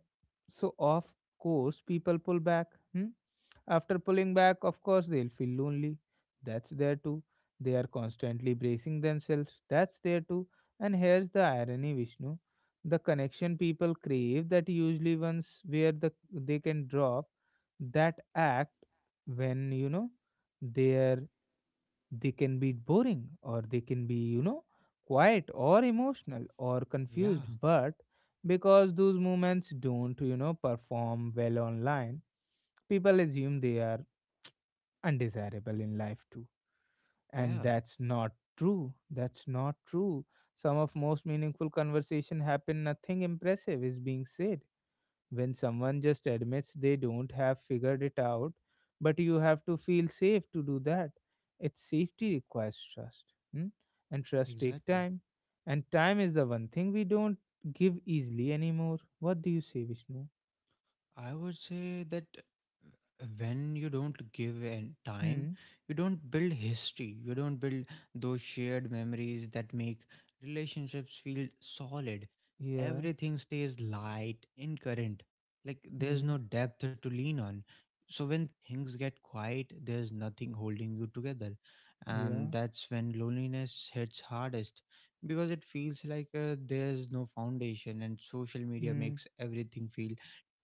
so, of course, people pull back. Hmm? After pulling back, of course, they'll feel lonely. That's there too. They are constantly bracing themselves. That's there too. And here's the irony, Vishnu. The connection people crave, that usually ones where the they can drop that act, when, you know, their, they can be boring, or they can be, you know, quiet or emotional or confused,
yeah,
but because those moments don't, you know, perform well online, people assume they are undesirable in life too. And
yeah.
that's not true, that's not true. Some of most meaningful conversation happen nothing impressive is being said, when someone just admits they don't have figured it out, but you have to feel safe to do that. Its safety requires trust, hmm? And trust take
Exactly.
time, and time is the one thing we don't give easily anymore. What do you say, Vishnu?
I would say that when you don't give an time,
Hmm.
you don't build history, you don't build those shared memories that make relationships feel solid.
Yeah.
Everything stays light, incurrent. Like there's
Hmm.
no depth to lean on. So when things get quiet, there's nothing holding you together. And
Yeah.
that's when loneliness hits hardest, because it feels like there's no foundation. And social media
Hmm.
makes everything feel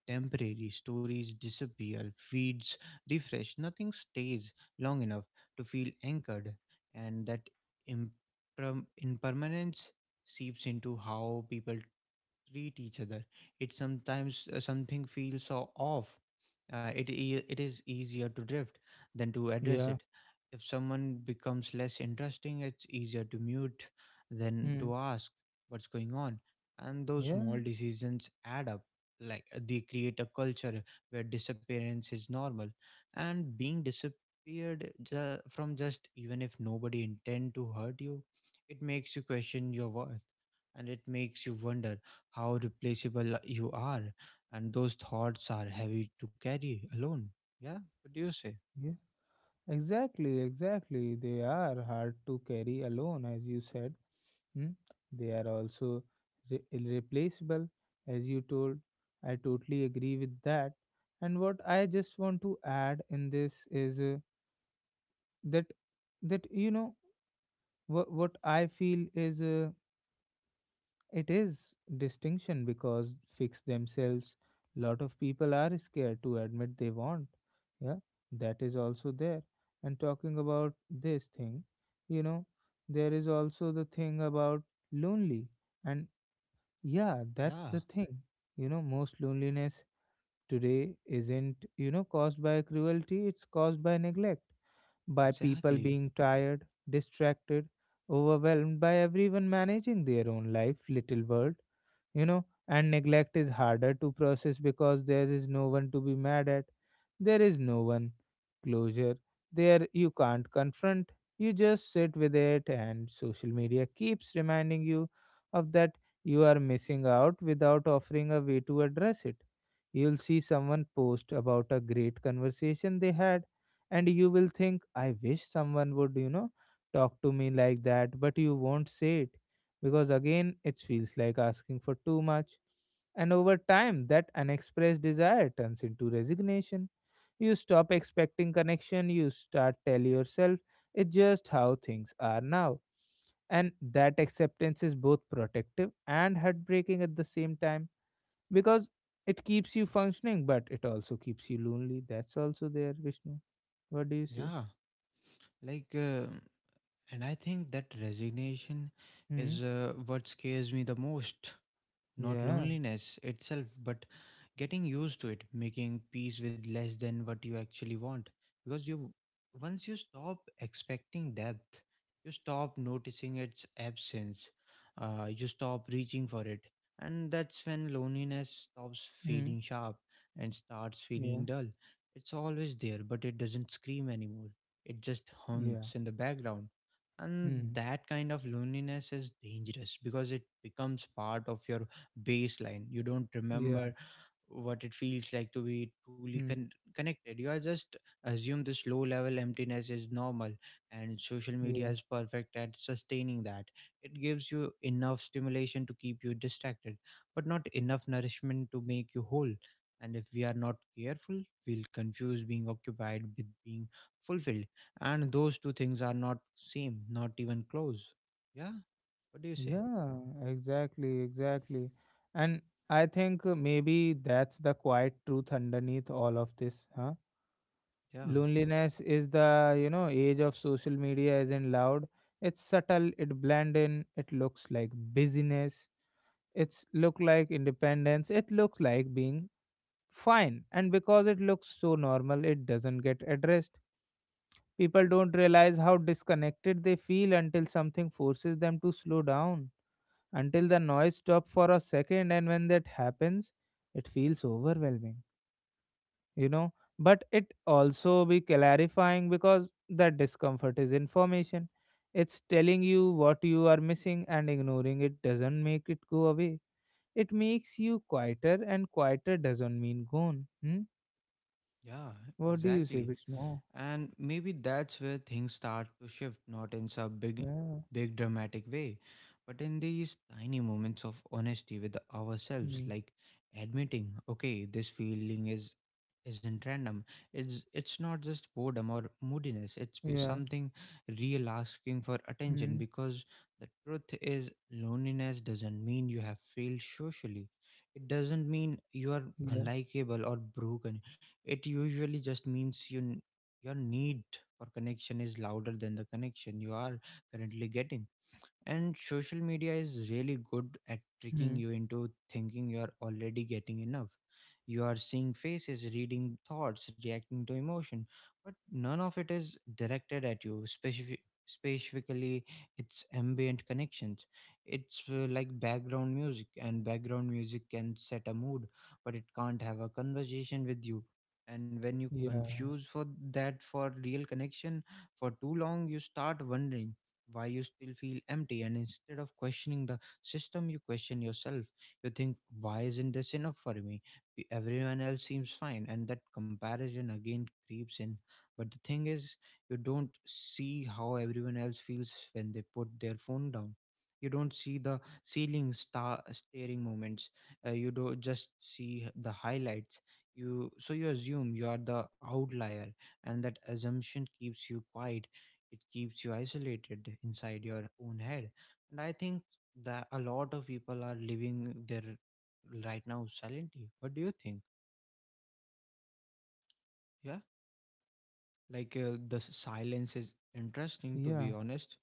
temporary. Stories disappear, feeds refresh, nothing stays long enough to feel anchored, and that impermanence seeps into how people treat each other. It sometimes something feels so off. It it is easier to drift than to address
Yeah.
it. If someone becomes less interesting, it's easier to mute than
Hmm.
to ask what's going on. And those
Yeah.
small decisions add up. Like they create a culture where disappearance is normal, and being disappeared from just even if nobody intend to hurt you, it makes you question your worth, and it makes you wonder how replaceable you are. And those thoughts are heavy to carry alone. Yeah. What do you say?
Yeah. Exactly. Exactly. They are hard to carry alone, as you said. Hmm. They are also irreplaceable, as you told. I totally agree with that, and what I just want to add in this is, that that, you know, what I feel is, it is distinction because fix themselves. Lot of people are scared to admit they want, yeah, that is also there. And talking about this thing, you know, there is also the thing about lonely and, yeah, that's
Yeah,
the thing. You know, most loneliness today isn't, you know, caused by cruelty, it's caused by neglect, by people
exactly.
being tired, distracted, overwhelmed, by everyone managing their own life, little world, you know. And neglect is harder to process because there is no one to be mad at, there is no one closure there, you can't confront, you just sit with it. And social media keeps reminding you of that, you are missing out, without offering a way to address it. You'll see someone post about a great conversation they had, and you will think, I wish someone would, you know, talk to me like that, but you won't say it, because again it feels like asking for too much. And over time, that unexpressed desire turns into resignation. You stop expecting connection, you start tell yourself it's just how things are now. And that acceptance is both protective and heartbreaking at the same time, because it keeps you functioning, but it also keeps you lonely. That's also there, Vishnu. What do you say?
Yeah. Like, uh, and I think that resignation
Hmm.
is what scares me the most. Not
Yeah.
loneliness itself, but getting used to it, making peace with less than what you actually want. Because you, Once you stop expecting depth, you stop noticing its absence, you stop reaching for it. And that's when loneliness stops
Hmm.
feeling sharp and starts feeling
Yeah.
dull. It's always there, but it doesn't scream anymore. It just
Yeah.
hums in the background. And
Hmm.
that kind of loneliness is dangerous because it becomes part of your baseline. You don't remember
Yeah.
what it feels like to be truly
Hmm.
connected. You are just assume this low level emptiness is normal, and social media
Yeah.
is perfect at sustaining that. It gives you enough stimulation to keep you distracted, but not enough nourishment to make you whole. And if we are not careful, we'll confuse being occupied with being fulfilled, and those two things are not same, not even close. Yeah, what do you say?
Yeah, exactly, exactly. And I think, maybe that's the quiet truth underneath all of this, huh?
Yeah,
Loneliness is the, you know, age of social media isn't loud. It's subtle, it blend in, it looks like busyness, it's look like independence, it looks like being fine. And because it looks so normal, it doesn't get addressed. People don't realize how disconnected they feel until something forces them to slow down, until the noise stops for a second, and when that happens it feels overwhelming, you know, but it also be clarifying, because that discomfort is information, it's telling you what you are missing, and ignoring it doesn't make it go away, it makes you quieter, and quieter doesn't mean gone. Hmm?
yeah,
What do you say,
exactly.
Vishnu?
And maybe that's where things start to shift, not in some
Yeah.
big dramatic way, but in these tiny moments of honesty with ourselves,
Hmm.
like admitting, okay, this feeling is isn't random. It's not just boredom or moodiness. It's
Yeah.
something real asking for
Hmm.
attention, because the truth is loneliness doesn't mean you have failed socially. It doesn't mean you are
Yeah.
unlikable or broken. It usually just means you your need for connection is louder than the connection you are currently getting. And social media is really good at tricking
Hmm.
you into thinking you're already getting enough. You are seeing faces, reading thoughts, reacting to emotion, but none of it is directed at you. Specifically, it's ambient connections. It's like background music, and background music can set a mood, but it can't have a conversation with you. And when you
Yeah.
confuse for that for real connection for too long, you start wondering why you still feel empty, and instead of questioning the system you question yourself. You think, why isn't this enough for me? Everyone else seems fine, and that comparison again creeps in. But the thing is, you don't see how everyone else feels when they put their phone down. You don't see the ceiling staring moments, you do just see the highlights, you so you assume you are the outlier, and that assumption keeps you quiet. It keeps you isolated inside your own head. And I think that a lot of people are living their right now silently. What do you think? Yeah, like the silence is interesting to
Yeah.
be honest,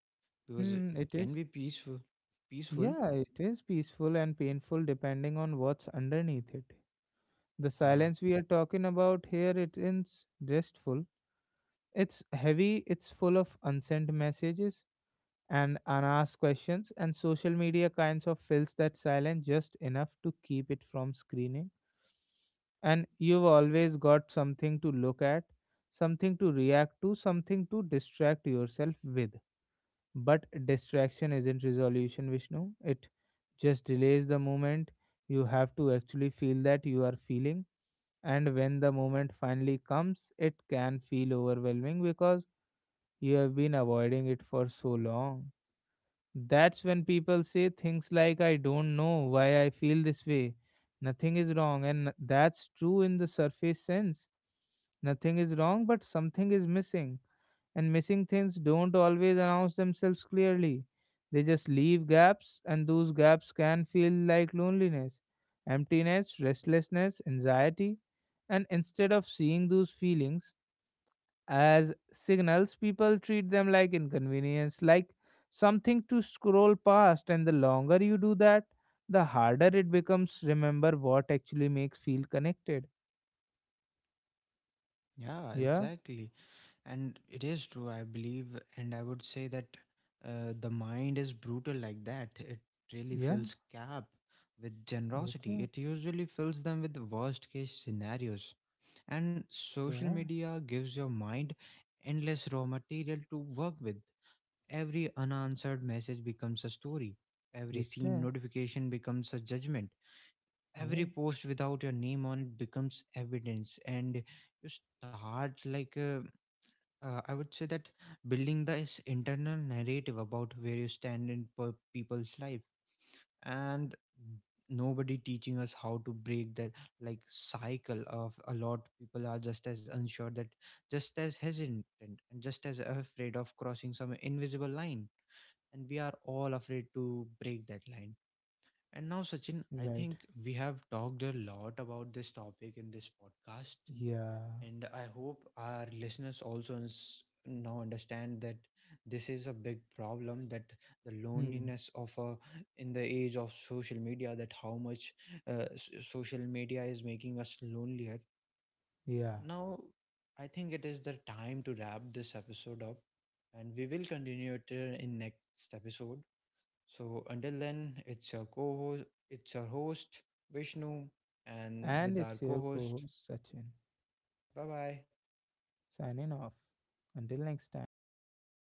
because it
Hmm. It
can
is.
be peaceful. Peaceful.
Yeah, it is peaceful and painful depending on what's underneath it. The
uh,
silence we are talking about here, it is restful. It's heavy, it's full of unsent messages and unasked questions, and social media kinds of fills that silence just enough to keep it from screening. And you've always got something to look at, something to react to, something to distract yourself with. But distraction isn't resolution, Vishnu. It just delays the moment. You have to actually feel that you are feeling. And when the moment finally comes, it can feel overwhelming because you have been avoiding it for so long. That's when people say things like, I don't know why I feel this way. Nothing is wrong. And that's true in the surface sense. Nothing is wrong, but something is missing, and missing things don't always announce themselves clearly. They just leave gaps, and those gaps can feel like loneliness, emptiness, restlessness, anxiety. And instead of seeing those feelings as signals, people treat them like inconvenience, like something to scroll past. And the longer you do that, the harder it becomes remember what actually makes feel connected.
yeah,
Yeah,
exactly. And it is true, I believe, and I would say that the mind is brutal like that. It really
yeah,
fills gap with generosity.
yeah,
It usually fills them with worst case scenarios. And social
yeah,
media gives your mind endless raw material to work with. Every unanswered message becomes a story.
yeah,
Every seen
yeah,
notification becomes a judgment. Every post without your name on it becomes evidence. And you start, I would say that building this internal narrative about where you stand in people's life, and nobody teaching us how to break that like cycle of a lot people are just as unsure, that just as hesitant and just as afraid of crossing some invisible line. And we are all afraid to break that line. And now Sachin, I
right.
think we have talked a lot about this topic in this podcast,
Yeah.
and I hope our listeners also now understand that this is a big problem, that the
Hmm.
loneliness of a in the age of social media, that how much social media is making us lonelier.
Yeah.
Now, I think it is the time to wrap this episode up, and we will continue it in next episode. So until then, it's your co-host, it's your host Vishnu, and
And
with
it's
our
your co
co-host.
host, Sachin,
Bye bye.
signing off. Until next time.